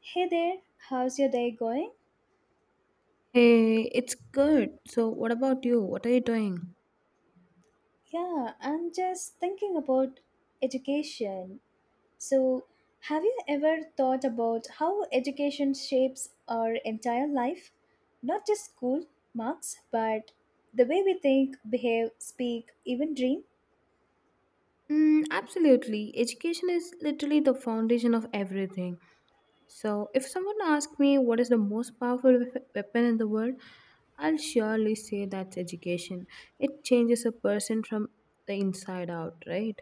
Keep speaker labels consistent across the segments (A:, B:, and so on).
A: Hey there, how's your day going?
B: Hey, it's good. So, what about you? What are you doing?
A: Yeah, I'm just thinking about education. So, have you ever thought about how education shapes our entire life? Not just school marks, but the way we think, behave, speak, even dream?
B: Mm, absolutely. Education is literally the foundation of everything. So, if someone asks me what is the most powerful weapon in the world, I'll surely say that's education. It changes a person from the inside out, right?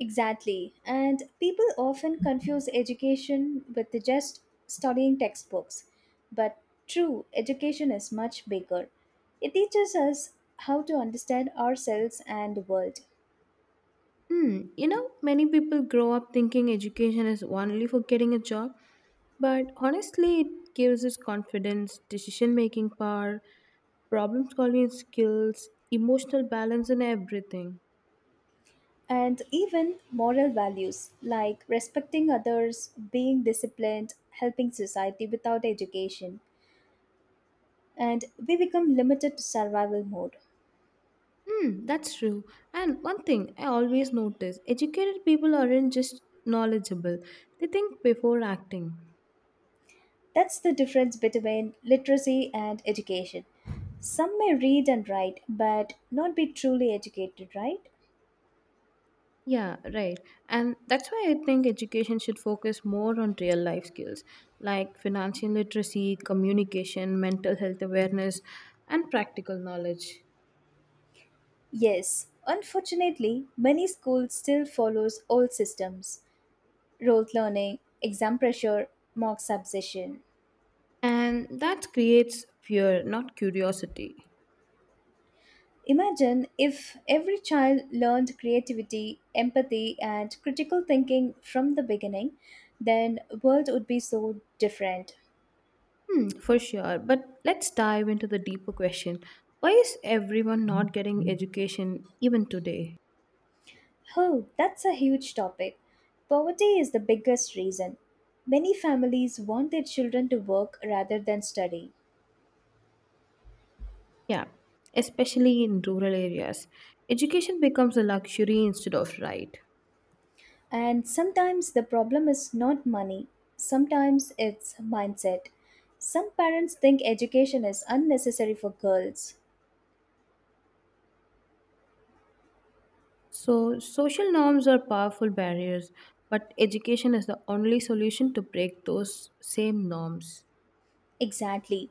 A: Exactly. And people often confuse education with just studying textbooks. But true, education is much bigger. It teaches us how to understand ourselves and the world,
B: Many people grow up thinking education is only for getting a job, but honestly, it gives us confidence, decision making power, problem solving skills, emotional balance, and everything.
A: and even moral values like respecting others, being disciplined, helping society without education. And we become limited to survival mode.
B: Hmm, that's true. And one thing I always notice educated people aren't just knowledgeable, they think before acting.
A: That's the difference between literacy and education. Some may read and write, but not be truly educated, right?
B: Yeah, right. And that's why I think education should focus more on real life skills like financial literacy, communication, mental health awareness, and practical knowledge.
A: Yes, unfortunately, many schools still follows old systems, rote learning, exam pressure, mock subsession.
B: And that creates fear, not curiosity.
A: Imagine if every child learned creativity, empathy, and critical thinking from the beginning, then world would be so different.
B: Hmm, for sure. But let's dive into the deeper question. Why is everyone not getting education even today?
A: Oh, that's a huge topic. Poverty is the biggest reason. Many families want their children to work rather than study.
B: Yeah, especially in rural areas. Education becomes a luxury instead of right.
A: And sometimes the problem is not money, sometimes it's mindset. Some parents think education is unnecessary for girls.
B: So, social norms are powerful barriers, but education is the only solution to break those same norms.
A: Exactly.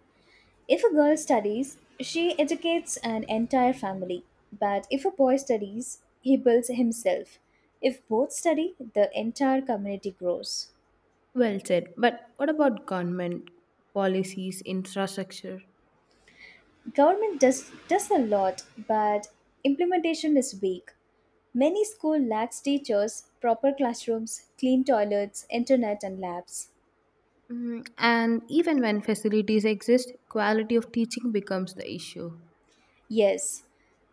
A: If a girl studies, she educates an entire family. But if a boy studies, he builds himself. If both study, the entire community grows.
B: Well said. But what about government policies, infrastructure?
A: Government does a lot, but implementation is weak. Many school lacks teachers, proper classrooms, clean toilets, internet and labs.
B: And even when facilities exist, quality of teaching becomes the issue.
A: Yes,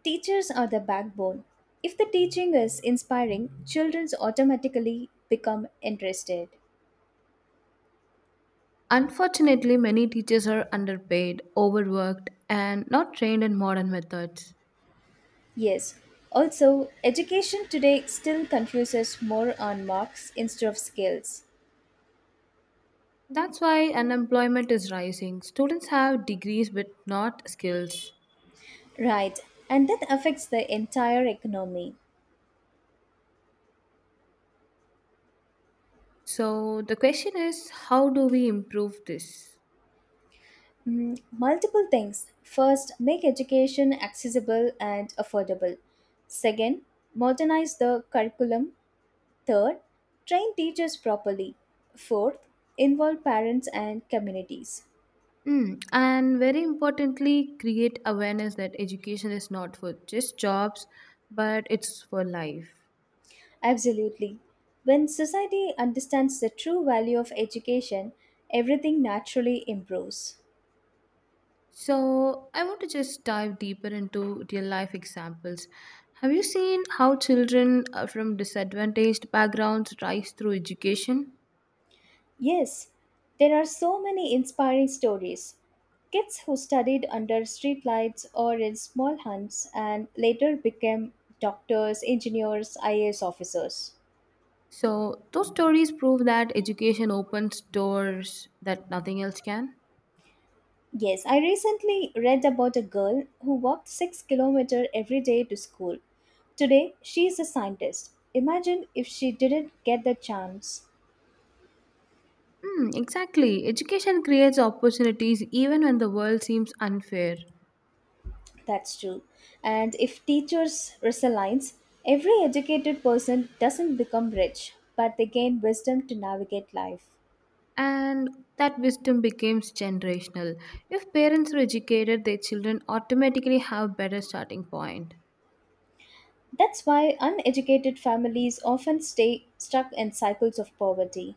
A: teachers are the backbone. If the teaching is inspiring, children automatically become interested.
B: Unfortunately, many teachers are underpaid, overworked, and not trained in modern methods.
A: Yes, also education today still confuses more on marks instead of skills.
B: That's why unemployment is rising. Students have degrees but not skills.
A: Right, and that affects the entire economy.
B: So, the question is how do we improve this?
A: Mm, multiple things. First, make education accessible and affordable. Second, modernize the curriculum. Third, train teachers properly. Fourth, involve parents and communities.
B: And very importantly, create awareness that education is not for just jobs, but it's for life.
A: Absolutely. When society understands the true value of education, everything naturally improves.
B: So, I want to just dive deeper into real life examples. Have you seen how children from disadvantaged backgrounds rise through education?
A: Yes, there are so many inspiring stories. Kids who studied under streetlights or in small huts and later became doctors, engineers, IAS officers.
B: So, those stories prove that education opens doors that nothing else can.
A: Yes, I recently read about a girl who walked 6 kilometers every day to school. Today, she is a scientist. Imagine if she didn't get the chance.
B: Mm, exactly. Education creates opportunities even when the world seems unfair.
A: That's true. And if teachers resigns, every educated person doesn't become rich, but they gain wisdom to navigate life.
B: And that wisdom becomes generational. If parents are educated, their children automatically have better starting point.
A: That's why uneducated families often stay stuck in cycles of poverty.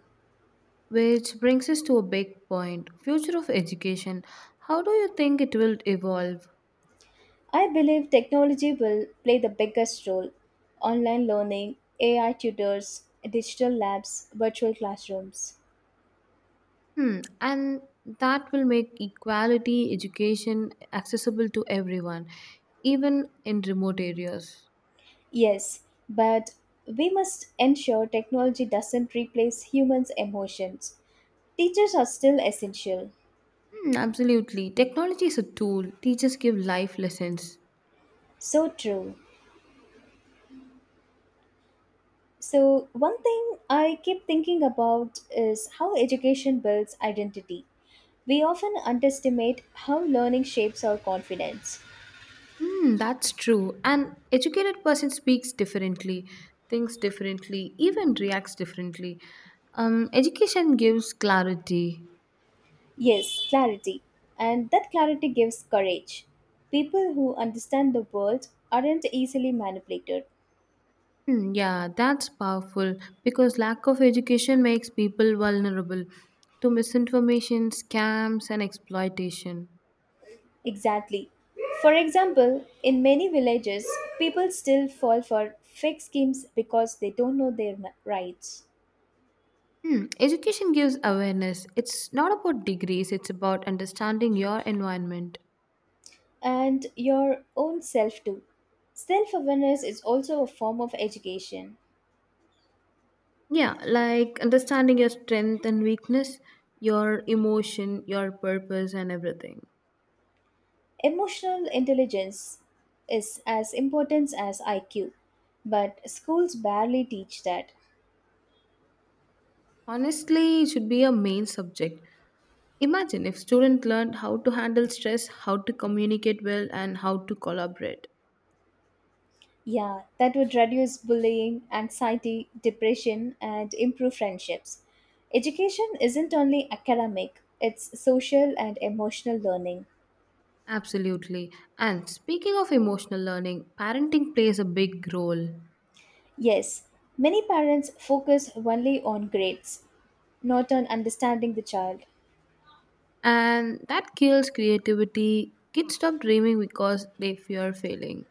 B: Which brings us to a big point future of education. How do you think it will evolve?
A: I believe technology will play the biggest role. Online learning, AI tutors, digital labs, virtual classrooms.
B: And that will make equality education accessible to everyone, even in remote areas.
A: Yes, but we must ensure technology doesn't replace humans' emotions. Teachers are still essential.
B: Hmm, absolutely. Technology is a tool, teachers give life lessons.
A: So true. So, one thing I keep thinking about is how education builds identity. We often underestimate how learning shapes our confidence.
B: Hmm, that's true. An educated person speaks differently, thinks differently, even reacts differently. Education gives clarity.
A: Yes, clarity. And that clarity gives courage. People who understand the world aren't easily manipulated.
B: Hmm, yeah, that's powerful because lack of education makes people vulnerable to misinformation, scams, and exploitation.
A: Exactly. For example, in many villages, people still fall for fake schemes because they don't know their rights.
B: Education gives awareness. It's not about degrees, it's about understanding your environment.
A: And your own self too. Self awareness is also a form of education.
B: Yeah, like understanding your strength and weakness, your emotion, your purpose, and everything.
A: Emotional intelligence is as important as IQ, but schools barely teach that.
B: Honestly, it should be a main subject. Imagine if students learned how to handle stress, how to communicate well, and how to collaborate.
A: Yeah, that would reduce bullying, anxiety, depression, and improve friendships. Education isn't only academic, it's social and emotional learning.
B: Absolutely. And speaking of emotional learning, parenting plays a big role.
A: Yes, many parents focus only on grades, not on understanding the child.
B: And that kills creativity. Kids stop dreaming because they fear failing.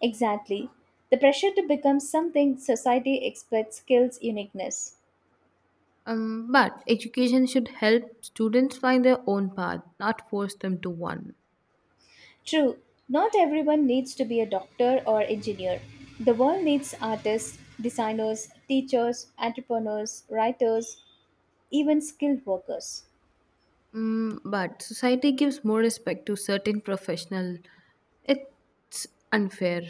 A: Exactly. The pressure to become something society expects kills uniqueness.
B: But education should help students find their own path, not force them to one.
A: True, not everyone needs to be a doctor or engineer. The world needs artists, designers, teachers, entrepreneurs, writers, even skilled workers.
B: But society gives more respect to certain professional. It's unfair.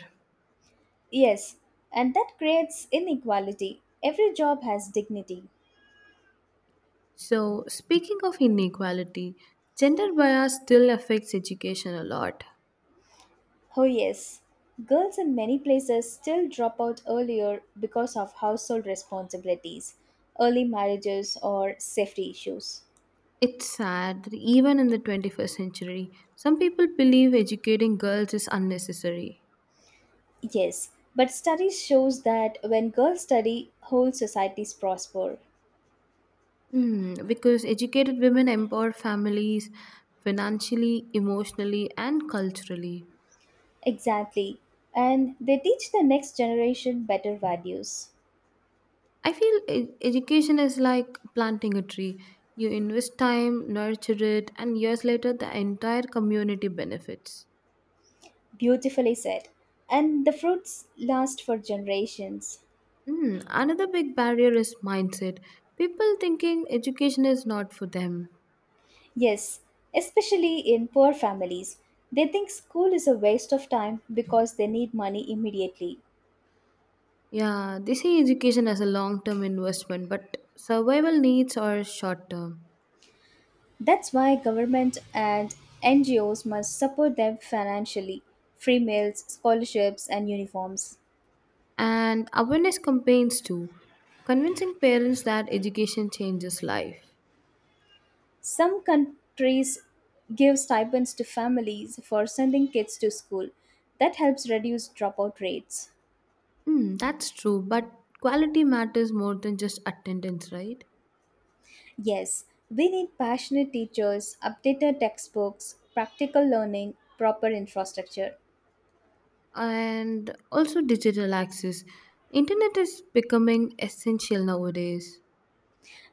A: Yes, and that creates inequality. Every job has dignity.
B: So, speaking of inequality, gender bias still affects education a lot.
A: Oh, yes. Girls in many places still drop out earlier because of household responsibilities, early marriages, or safety issues.
B: It's sad that even in the 21st century, some people believe educating girls is unnecessary.
A: Yes, but studies shows that when girls study, whole societies prosper.
B: Because educated women empower families financially, emotionally, and culturally.
A: Exactly. And they teach the next generation better values.
B: I feel education is like planting a tree. You invest time, nurture it, and years later, the entire community benefits.
A: Beautifully said. And the fruits last for generations.
B: Another big barrier is mindset. People thinking education is not for them.
A: Yes, especially in poor families. They think school is a waste of time because they need money immediately.
B: Yeah, they see education as a long term investment, but survival needs are short term.
A: That's why government and NGOs must support them financially, free meals, scholarships and uniforms.
B: And awareness campaigns too, convincing parents that education changes life.
A: Some countries give stipends to families for sending kids to school. That helps reduce dropout rates.
B: Hmm, that's true, but quality matters more than just attendance, right?
A: Yes, we need passionate teachers, updated textbooks, practical learning, proper infrastructure.
B: And also digital access. Internet is becoming essential nowadays.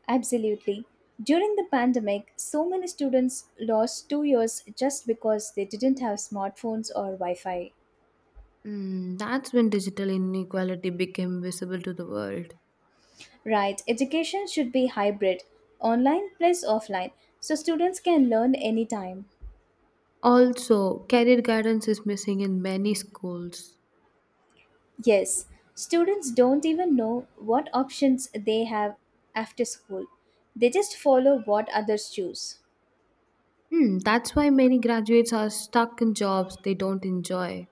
A: Absolutely. During the pandemic, so many students lost 2 years just because they didn't have smartphones or Wi Fi.
B: That's when digital inequality became visible to the world.
A: Right, education should be hybrid, online plus offline, so students can learn anytime.
B: Also, career guidance is missing in many schools.
A: Yes, students don't even know what options they have after school. They just follow what others choose.
B: That's why many graduates are stuck in jobs they don't enjoy.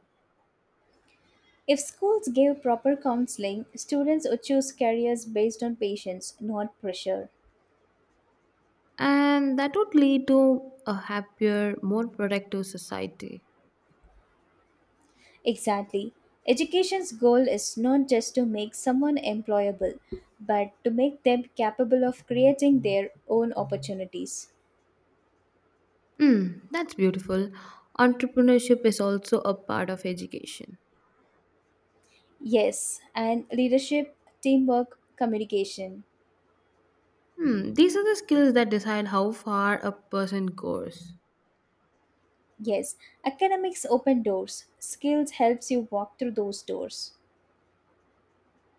A: If schools gave proper counseling, students would choose careers based on patience, not pressure.
B: And that would lead to a happier, more productive society.
A: Exactly. Education's goal is not just to make someone employable, but to make them capable of creating their own opportunities.
B: Hmm, that's beautiful. Entrepreneurship is also a part of education.
A: Yes, and leadership, teamwork, communication.
B: These are the skills that decide how far a person goes.
A: Yes, academics open doors. Skills helps you walk through those doors.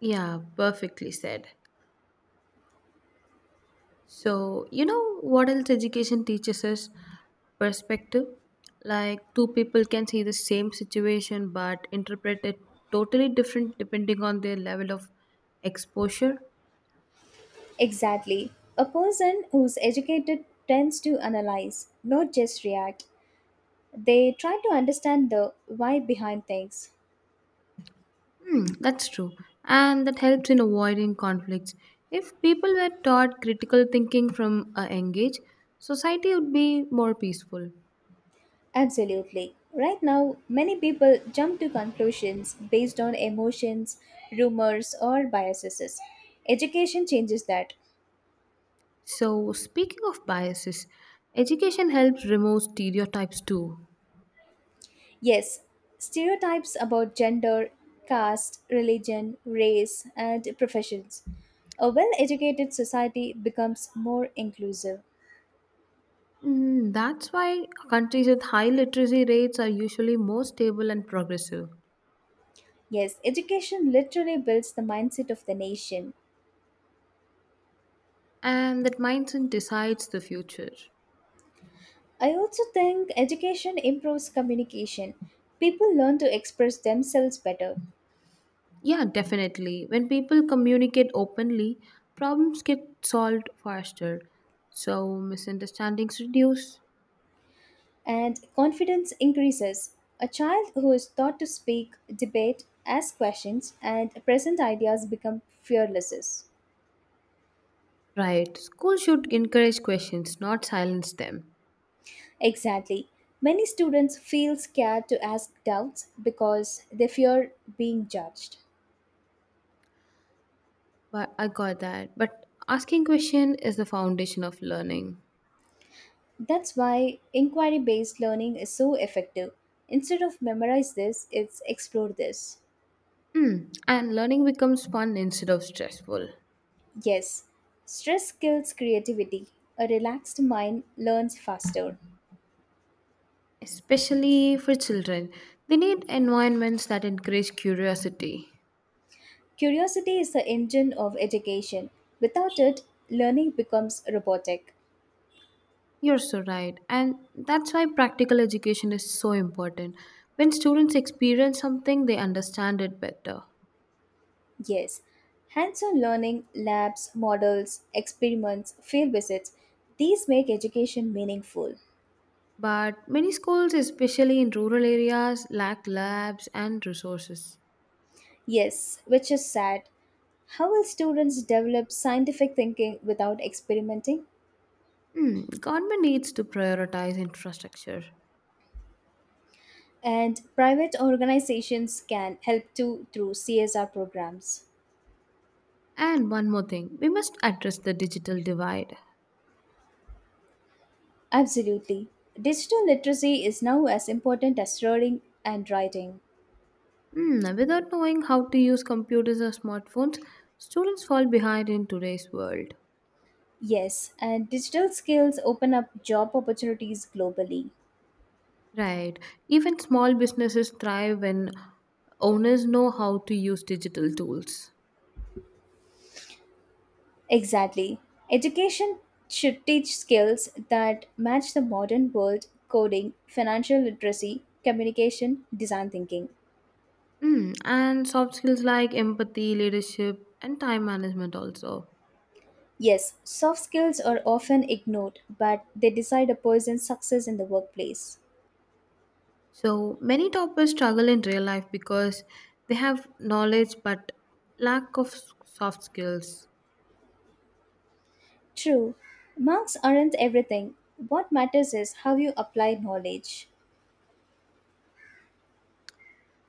B: Yeah, perfectly said. So, you know what else education teaches us? Perspective. Like two people can see the same situation but interpret it totally different depending on their level of exposure.
A: Exactly. A person who's educated tends to analyze, not just react. They try to understand the why behind things.
B: Hmm, that's true. And that helps in avoiding conflicts. If people were taught critical thinking from a young age, society would be more peaceful.
A: Absolutely. Right now, many people jump to conclusions based on emotions, rumors, or biases. Education changes that.
B: So, speaking of biases, education helps remove stereotypes too.
A: Yes, stereotypes about gender, caste, religion, race, and professions. A well educated society becomes more inclusive.
B: That's why countries with high literacy rates are usually more stable and progressive.
A: Yes, education literally builds the mindset of the nation.
B: And that mindset decides the future.
A: I also think education improves communication. People learn to express themselves better,
B: Yeah, definitely. When people communicate openly, problems get solved faster. So misunderstandings reduce.
A: and confidence increases. A child who is taught to speak, debate, ask questions, and present ideas become fearless.
B: Right. School should encourage questions, not silence them.
A: Exactly. Many students feel scared to ask doubts because they fear being judged.
B: But I got that. But asking question is the foundation of learning.
A: That's why inquiry based learning is so effective. Instead of memorize this, it's explore this.
B: Mm. And learning becomes fun instead of stressful.
A: Yes, stress kills creativity. A relaxed mind learns faster.
B: Especially for children. They need environments that encourage curiosity.
A: Curiosity is the engine of education. Without it, learning becomes robotic.
B: You're so right. And that's why practical education is so important. When students experience something, they understand it better.
A: Yes, hands on learning, labs, models, experiments, field visits, these make education meaningful.
B: But many schools, especially in rural areas, lack labs and resources.
A: Yes, which is sad. How will students develop scientific thinking without experimenting?
B: Government needs to prioritize infrastructure.
A: And private organizations can help too through CSR programs.
B: And one more thing, we must address the digital divide.
A: Absolutely. Digital literacy is now as important as reading and writing.
B: Without knowing how to use computers or smartphones, students fall behind in today's world.
A: Yes, and digital skills open up job opportunities globally.
B: Right. Even small businesses thrive when owners know how to use digital tools.
A: Exactly. Education should teach skills that match the modern world coding, financial literacy, communication, design thinking.
B: And soft skills like empathy, leadership, and time management also.
A: Yes, soft skills are often ignored, but they decide a person's success in the workplace.
B: So many toppers struggle in real life because they have knowledge but lack of soft skills.
A: True, marks aren't everything. What matters is how you apply knowledge.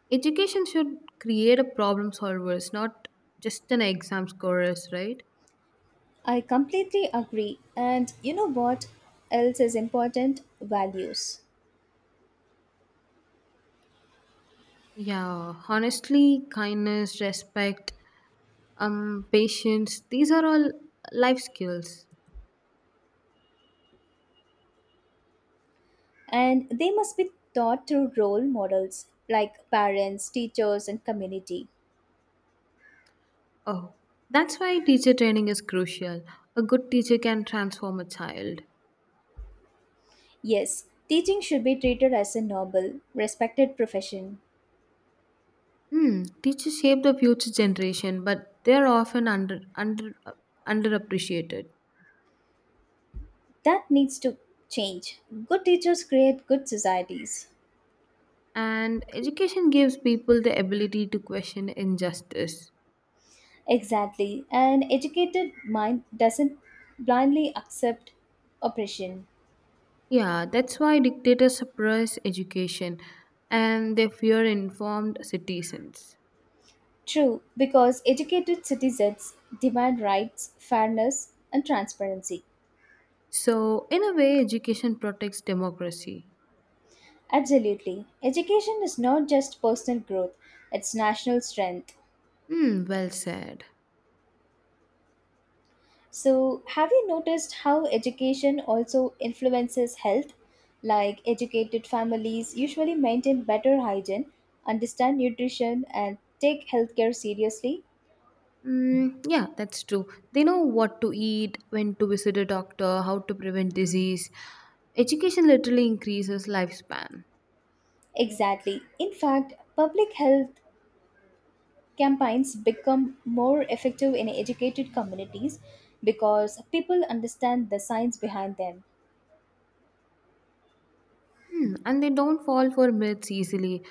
B: Education should create a problem solvers, not just an exam scorers, right?
A: I completely agree. And you know what else is important? Values.
B: Yeah, honestly, kindness, respect, patience, these are all life skills.
A: And they must be taught through role models like parents, teachers, and community.
B: Oh, that's why teacher training is crucial. A good teacher can transform a child.
A: Yes, teaching should be treated as a noble, respected profession.
B: Teachers shape the future generation, but they're often underappreciated.
A: That needs to change. Good teachers create good societies.
B: And education gives people the ability to question injustice.
A: Exactly. An educated mind doesn't blindly accept oppression.
B: Yeah, that's why dictators suppress education and they fear informed citizens.
A: True, because educated citizens demand rights, fairness, and transparency.
B: So, in a way, education protects democracy.
A: Absolutely. Education is not just personal growth, it's national strength.
B: Hmm, well said.
A: So, have you noticed how education also influences health? Like, educated families usually maintain better hygiene, understand nutrition, and take healthcare seriously.
B: Mm, yeah, that's true. They know what to eat, when to visit a doctor, how to prevent disease. Education literally increases lifespan.
A: Exactly. In fact, public health campaigns become more effective in educated communities because people understand the science behind them.
B: And they don't fall for myths easily.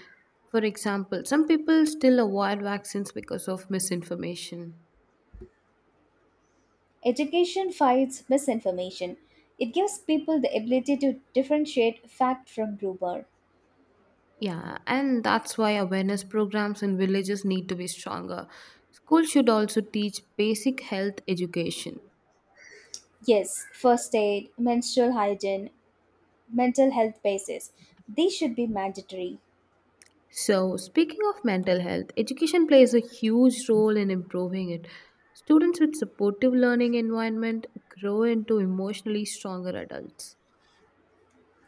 B: For example, some people still avoid vaccines because of misinformation.
A: Education fights misinformation. It gives people the ability to differentiate fact from rumor.
B: Yeah, and that's why awareness programs in villages need to be stronger. Schools should also teach basic health education.
A: Yes, first aid, menstrual hygiene, mental health basis. These should be mandatory.
B: So, speaking of mental health, education plays a huge role in improving it. Students with supportive learning environment grow into emotionally stronger adults.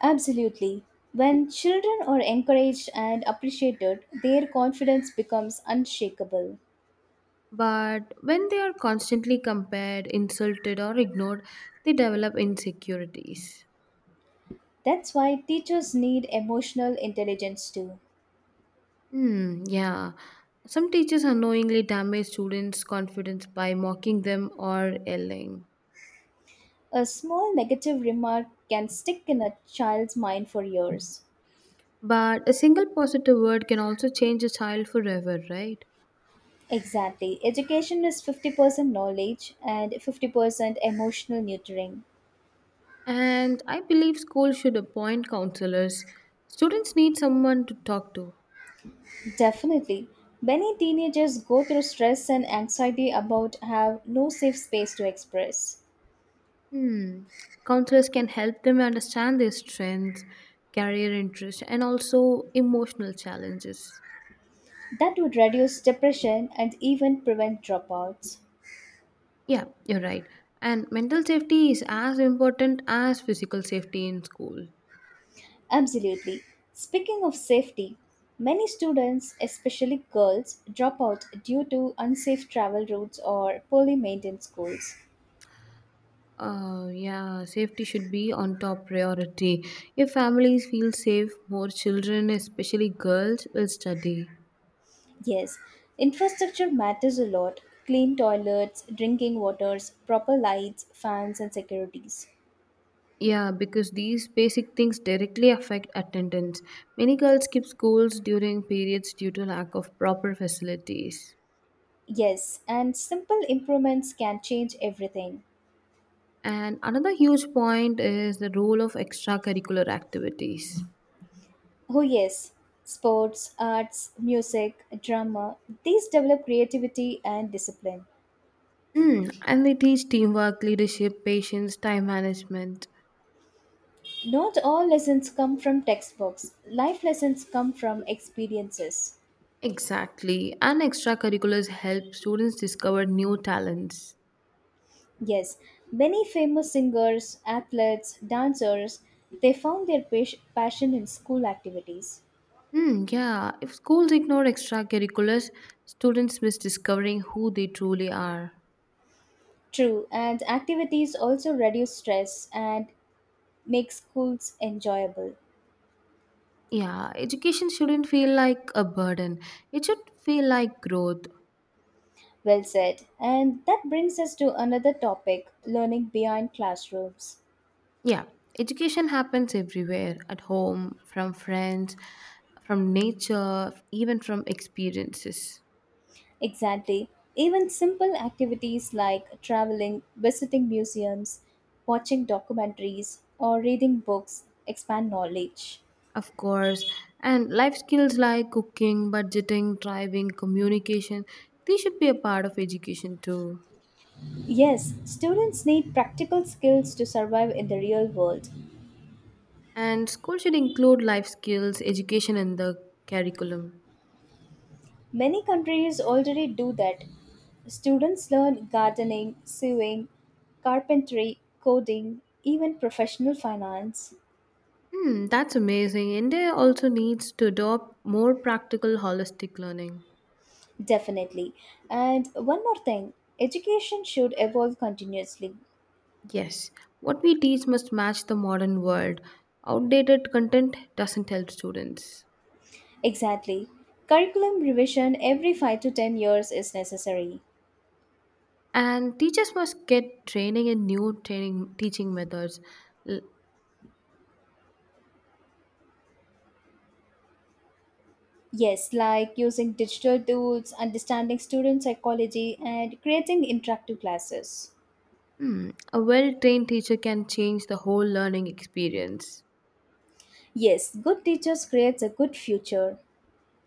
A: Absolutely. When children are encouraged and appreciated, their confidence becomes unshakable.
B: But when they are constantly compared, insulted or ignored, they develop insecurities.
A: That's why teachers need emotional intelligence too.
B: Hmm, yeah. Some teachers unknowingly damage students' confidence by mocking them or yelling.
A: A small negative remark can stick in a child's mind for years.
B: But a single positive word can also change a child forever, right?
A: Exactly. Education is 50% knowledge and 50% emotional nurturing.
B: And I believe schools should appoint counselors. Students need someone to talk to.
A: Definitely. Many teenagers go through stress and anxiety about have no safe space to express.
B: Hmm. Counselors can help them understand their strengths, career interests, and also emotional challenges.
A: That would reduce depression and even prevent dropouts.
B: Yeah, you're right. And mental safety is as important as physical safety in school.
A: Absolutely. Speaking of safety, many students, especially girls, drop out due to unsafe travel routes or poorly maintained schools.
B: Yeah, safety should be on top priority. If families feel safe, more children, especially girls, will study.
A: Yes, infrastructure matters a lot clean toilets, drinking waters, proper lights, fans, and securities.
B: Yeah, because these basic things directly affect attendance. Many girls skip schools during periods due to lack of proper facilities.
A: Yes, and simple improvements can change everything.
B: And another huge point is the role of extracurricular activities.
A: Oh, yes, sports, arts, music, drama, these develop creativity and discipline.
B: And they teach teamwork, leadership, patience, time management.
A: Not all lessons come from textbooks, life lessons come from experiences.
B: Exactly. And extracurriculars help students discover new talents.
A: Yes, many famous singers, athletes, dancers, they found their passion in school activities.
B: Mm, yeah, if schools ignore extracurriculars, students miss discovering who they truly are.
A: True, and activities also reduce stress and make schools enjoyable.
B: Yeah, education shouldn't feel like a burden. It should feel like growth.
A: Well said. And that brings us to another topic learning beyond classrooms.
B: Yeah, education happens everywhere at home, from friends, from nature, even from experiences.
A: Exactly. Even simple activities like traveling, visiting museums, watching documentaries, or reading books expand knowledge.
B: Of course, and life skills like cooking, budgeting, driving, communication, they should be a part of education too.
A: Yes, students need practical skills to survive in the real world.
B: And school should include life skills, education in the curriculum.
A: Many countries already do that. Students learn gardening, sewing, carpentry, coding, even professional finance.
B: Hmm, that's amazing. India also needs to adopt more practical, holistic learning.
A: Definitely. And one more thing education should evolve continuously.
B: Yes, what we teach must match the modern world. Outdated content doesn't help students.
A: Exactly. Curriculum revision every 5 to 10 years is necessary.
B: And teachers must get training in new training teaching methods. L-
A: Yes, like using digital tools, understanding student psychology, and creating interactive classes.
B: a well-trained teacher can change the whole learning experience.
A: Yes, good teachers creates a good future.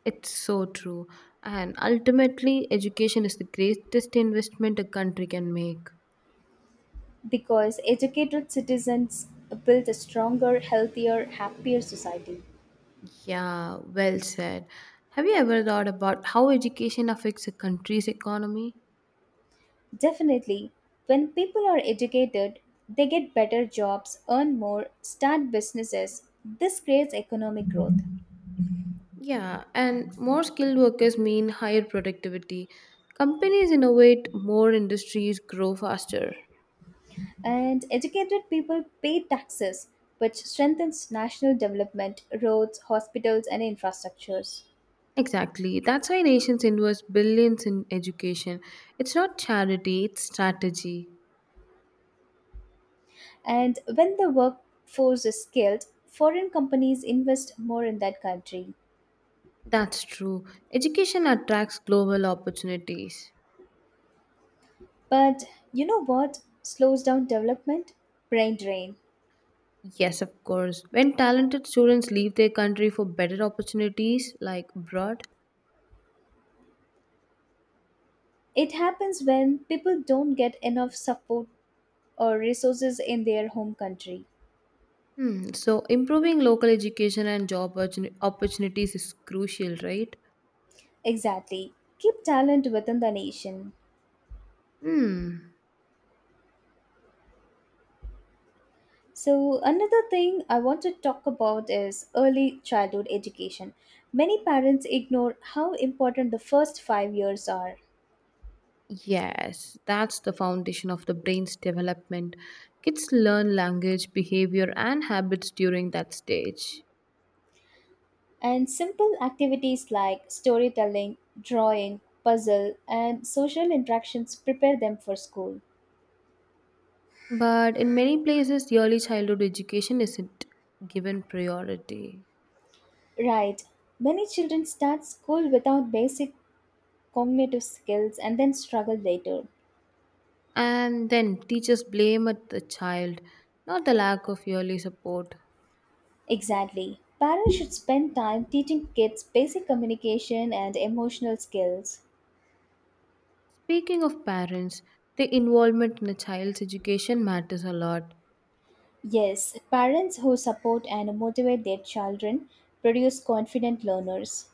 B: It's so true. And ultimately, education is the greatest investment a country can make.
A: Because educated citizens build a stronger, healthier, happier society.
B: Yeah, well said. Have you ever thought about how education affects a country's economy?
A: Definitely, when people are educated, they get better jobs, earn more, start businesses. This creates economic growth.
B: Yeah, and more skilled workers mean higher productivity. Companies innovate, more industries grow faster.
A: And educated people pay taxes, which strengthens national development, roads, hospitals, and infrastructures.
B: Exactly. That's why nations invest billions in education. It's not charity, it's strategy.
A: And when the workforce is skilled, foreign companies invest more in that country.
B: That's true. Education attracts global opportunities.
A: But you know what slows down development? Brain drain.
B: Yes, of course. When talented students leave their country for better opportunities, like abroad.
A: It happens when people don't get enough support or resources in their home country.
B: Hmm. So improving local education and job opportunities is crucial, right?
A: Exactly. Keep talent within the nation.
B: Hmm.
A: So, another thing I want to talk about is early childhood education. Many parents ignore how important the first 5 years are.
B: Yes, that's the foundation of the brain's development. Kids learn language, behavior, and habits during that stage.
A: And simple activities like storytelling, drawing, puzzle, and social interactions prepare them for school.
B: But in many places, early childhood education isn't given priority.
A: Right. Many children start school without basic cognitive skills and then struggle later.
B: And then teachers blame at the child, not the lack of early support.
A: Exactly. Parents should spend time teaching kids basic communication and emotional skills.
B: Speaking of parents, their involvement in a child's education matters a lot.
A: Yes, parents who support and motivate their children produce confident learners.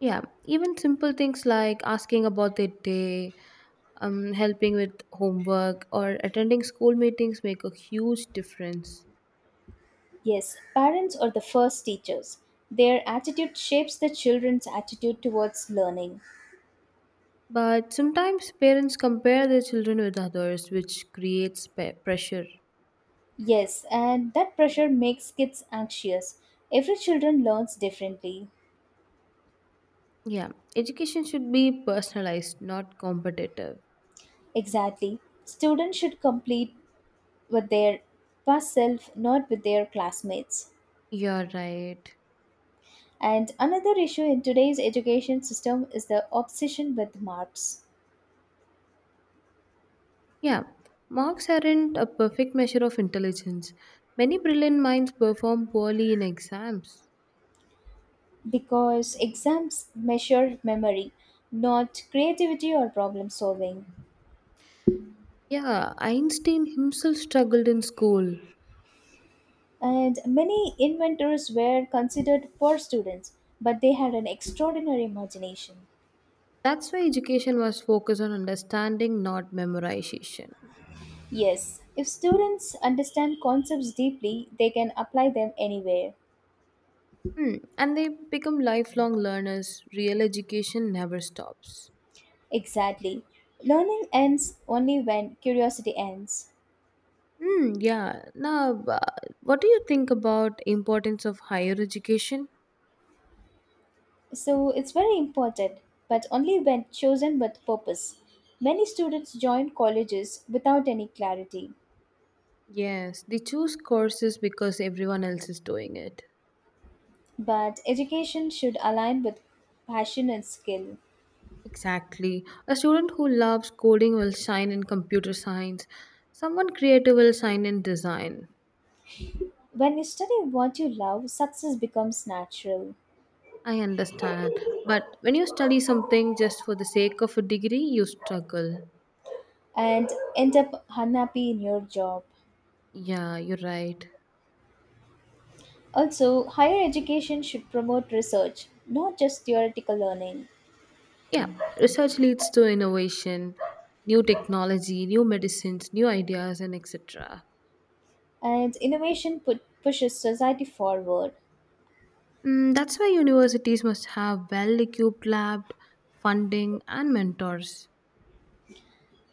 B: Yeah, even simple things like asking about their day, helping with homework, or attending school meetings make a huge difference.
A: Yes, parents are the first teachers. Their attitude shapes the children's attitude towards learning.
B: But sometimes parents compare their children with others, which creates pressure.
A: Yes, and that pressure makes kids anxious. Every children learns differently.
B: Yeah, education should be personalized, not competitive.
A: Exactly. Students should complete with their past self, not with their classmates.
B: You're right.
A: And another issue in today's education system is the obsession with marks.
B: Yeah, marks aren't a perfect measure of intelligence. Many brilliant minds perform poorly in exams.
A: Because exams measure memory, not creativity or problem solving.
B: Yeah, Einstein himself struggled in school.
A: And many inventors were considered poor students, but they had an extraordinary imagination.
B: That's why education was focused on understanding, not memorization.
A: Yes, if students understand concepts deeply, they can apply them anywhere.
B: Hmm. And they become lifelong learners. Real education never stops.
A: Exactly. Learning ends only when curiosity ends.
B: Hmm. Yeah. Now, what do you think about importance of higher education?
A: So it's very important, but only when chosen with purpose. Many students join colleges without any clarity,
B: Yes, they choose courses because everyone else is doing it.
A: but education should align with passion and skill.
B: Exactly. A student who loves coding will shine in computer science. Someone creative will shine in design.
A: When you study what you love, success becomes natural
B: I understand. But when you study something just for the sake of a degree, you struggle.
A: and end up unhappy in your job.
B: Yeah, you're right.
A: Also, higher education should promote research, not just theoretical learning.
B: Yeah, research leads to innovation, new technology, new medicines, new ideas, and etc.
A: And innovation pushes society forward.
B: That's why universities must have well equipped lab, funding, and mentors.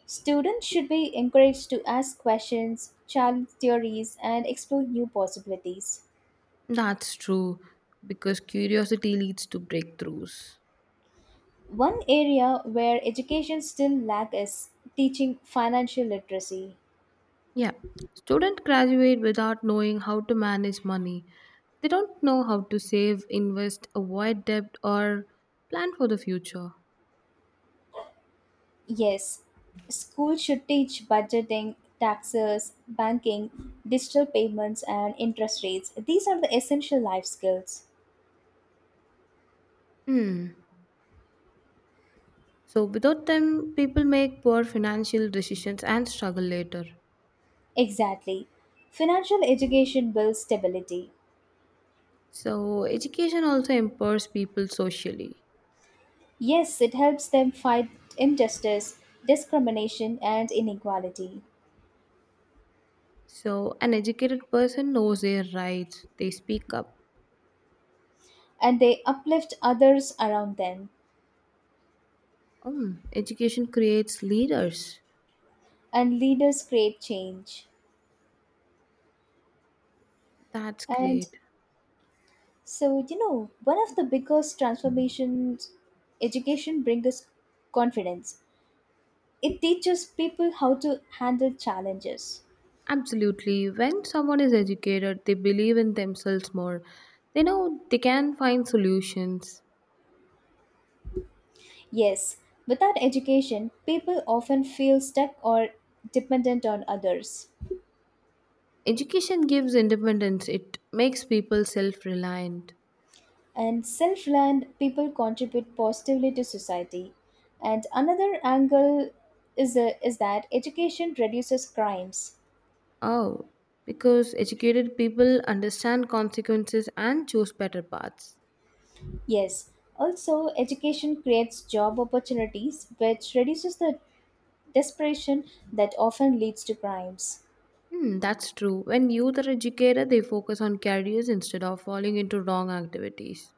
A: Students should be encouraged to ask questions, challenge theories, and explore new possibilities.
B: That's true, because curiosity leads to breakthroughs.
A: One area where education still lacks is teaching financial literacy.
B: Yeah, students graduate without knowing how to manage money. They don't know how to save, invest, avoid debt, or plan for the future.
A: Yes, schools should teach budgeting, taxes, banking, digital payments, and interest rates. These are the essential life skills.
B: Hmm. So, without them, people make poor financial decisions and struggle later.
A: Exactly. Financial education builds stability.
B: So, education also empowers people socially.
A: Yes, it helps them fight injustice, discrimination, and inequality.
B: So, an educated person knows their rights, they speak up.
A: And they uplift others around them,
B: Hmm. Education creates leaders.
A: and leaders create change.
B: That's
A: And
B: great.
A: so, you know, one of the biggest transformations education brings is confidence. It teaches people how to handle challenges.
B: Absolutely. When someone is educated, they believe in themselves more. They know they can find solutions.
A: Yes, without education, people often feel stuck or dependent on others.
B: Education gives independence, it makes people self reliant.
A: And self reliant people contribute positively to society. And another angle is that education reduces crimes.
B: Oh, because educated people understand consequences and choose better paths.
A: Yes, also, education creates job opportunities, which reduces the desperation that often leads to crimes.
B: Hmm, that's true. When youth are educated, they focus on careers instead of falling into wrong activities.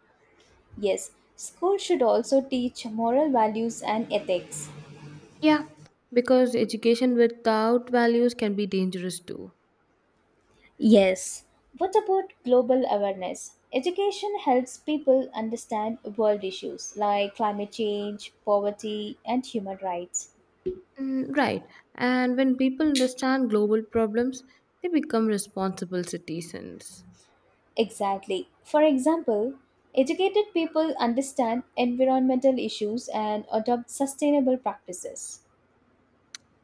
A: Yes, schools should also teach moral values and ethics.
B: Yeah, because education without values can be dangerous too.
A: Yes. What about global awareness? Education helps people understand world issues like climate change, poverty, and human rights.
B: Mm, right. And when people understand global problems, they become responsible citizens.
A: Exactly. For example, educated people understand environmental issues and adopt sustainable practices.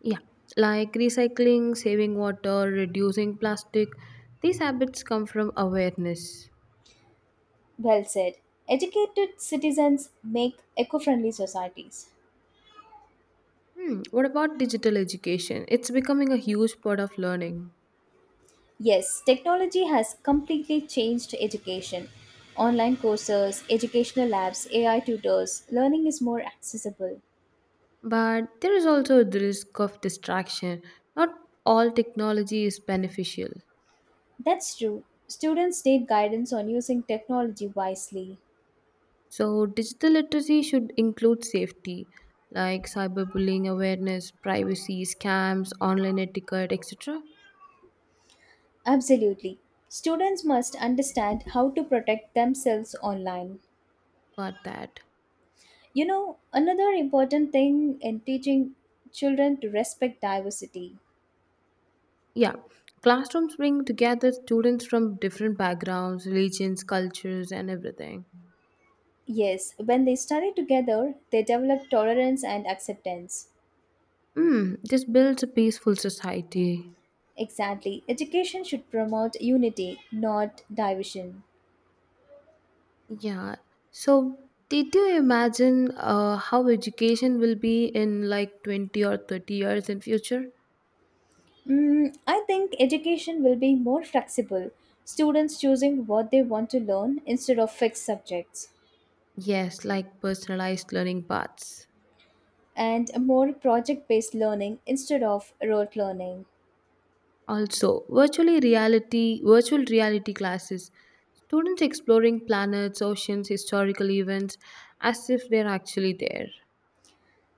B: Yeah, like recycling, saving water, reducing plastic. These habits come from awareness.
A: Well said. Educated citizens make eco friendly societies.
B: What about digital education? It's becoming a huge part of learning.
A: Yes, technology has completely changed education. Online courses, educational labs, AI tutors, learning is more accessible.
B: But there is also the risk of distraction. Not all technology is beneficial.
A: That's true. Students need guidance on using technology wisely.
B: So, digital literacy should include safety like cyberbullying awareness, privacy, scams, online etiquette, etc.
A: Absolutely. Students must understand how to protect themselves online.
B: Got that.
A: You know, another important thing in teaching children to respect diversity.
B: Yeah. Classrooms bring together students from different backgrounds, religions, cultures, and everything.
A: Yes, when they study together, they develop tolerance and acceptance.
B: This builds a peaceful society.
A: Exactly. Education should promote unity, not division.
B: Yeah. So, did you imagine how education will be in like 20 or 30 years in future?
A: Mm, I think education will be more flexible, students choosing what they want to learn instead of fixed subjects,
B: Yes, like personalized learning paths.
A: and more project based learning instead of rote learning.
B: Also, virtual reality classes. Students exploring planets, oceans, historical events as if they're actually there.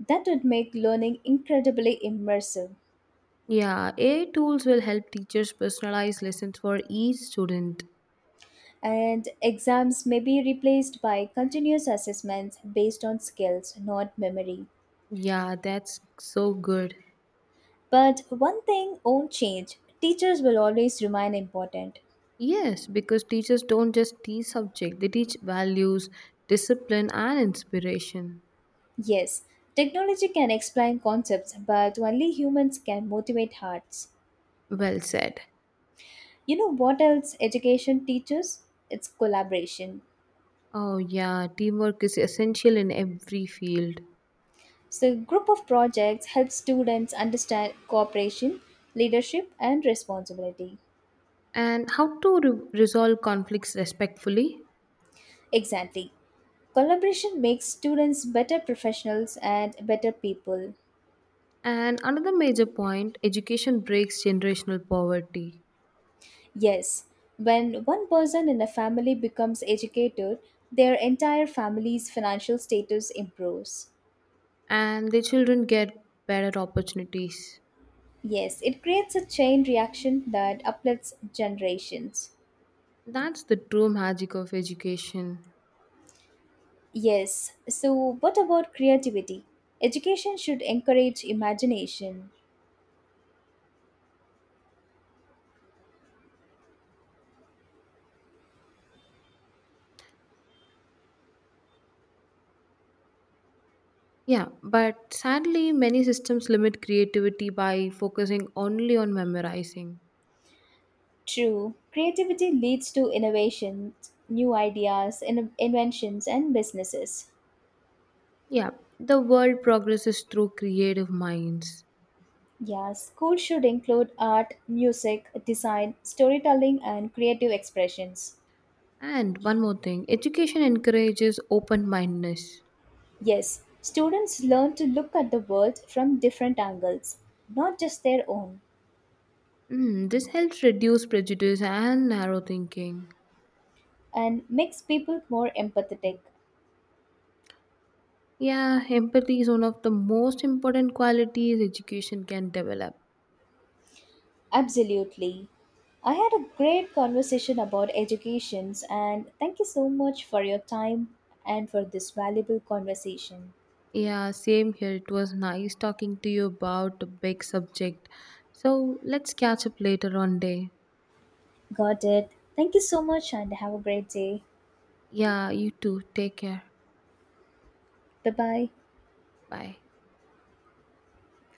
A: That would make learning incredibly immersive.
B: Yeah, AI tools will help teachers personalize lessons for each student.
A: And exams may be replaced by continuous assessments based on skills, not memory.
B: Yeah, that's so good.
A: But one thing won't change teachers will always remain important.
B: Yes, because teachers don't just teach subject, they teach values, discipline and inspiration.
A: Yes, technology can explain concepts, but only humans can motivate hearts.
B: Well said.
A: You know what else education teaches? It's collaboration.
B: Oh yeah, teamwork is essential in every field.
A: So, group of projects help students understand cooperation, leadership, and responsibility.
B: And how to resolve conflicts respectfully.
A: Exactly. Collaboration makes students better professionals and better people.
B: And another major point education breaks generational poverty,
A: Yes, when one person in a family becomes educated, their entire family's financial status improves.
B: and the children get better opportunities.
A: Yes, it creates a chain reaction that uplifts generations.
B: That's the true magic of education.
A: Yes, so what about creativity? Education should encourage imagination.
B: Yeah, but sadly, many systems limit creativity by focusing only on memorizing.
A: True, creativity leads to innovations, new ideas, inventions, and businesses.
B: Yeah, the world progresses through creative minds.
A: Yeah, School should include art, music, design, storytelling, and creative expressions.
B: And one more thing education encourages open mindedness.
A: Yes, students learn to look at the world from different angles, not just their own.
B: This helps reduce prejudice and narrow thinking.
A: And makes people more empathetic.
B: Yeah, empathy is one of the most important qualities education can develop.
A: Absolutely. I had a great conversation about educations and thank you so much for your time and for this valuable conversation.
B: Yeah, same here. It was nice talking to you about a big subject. So let's catch up later on day.
A: Got it. Thank you so much and have a great day.
B: Yeah, you too. Take care.
A: Bye bye.
B: Bye.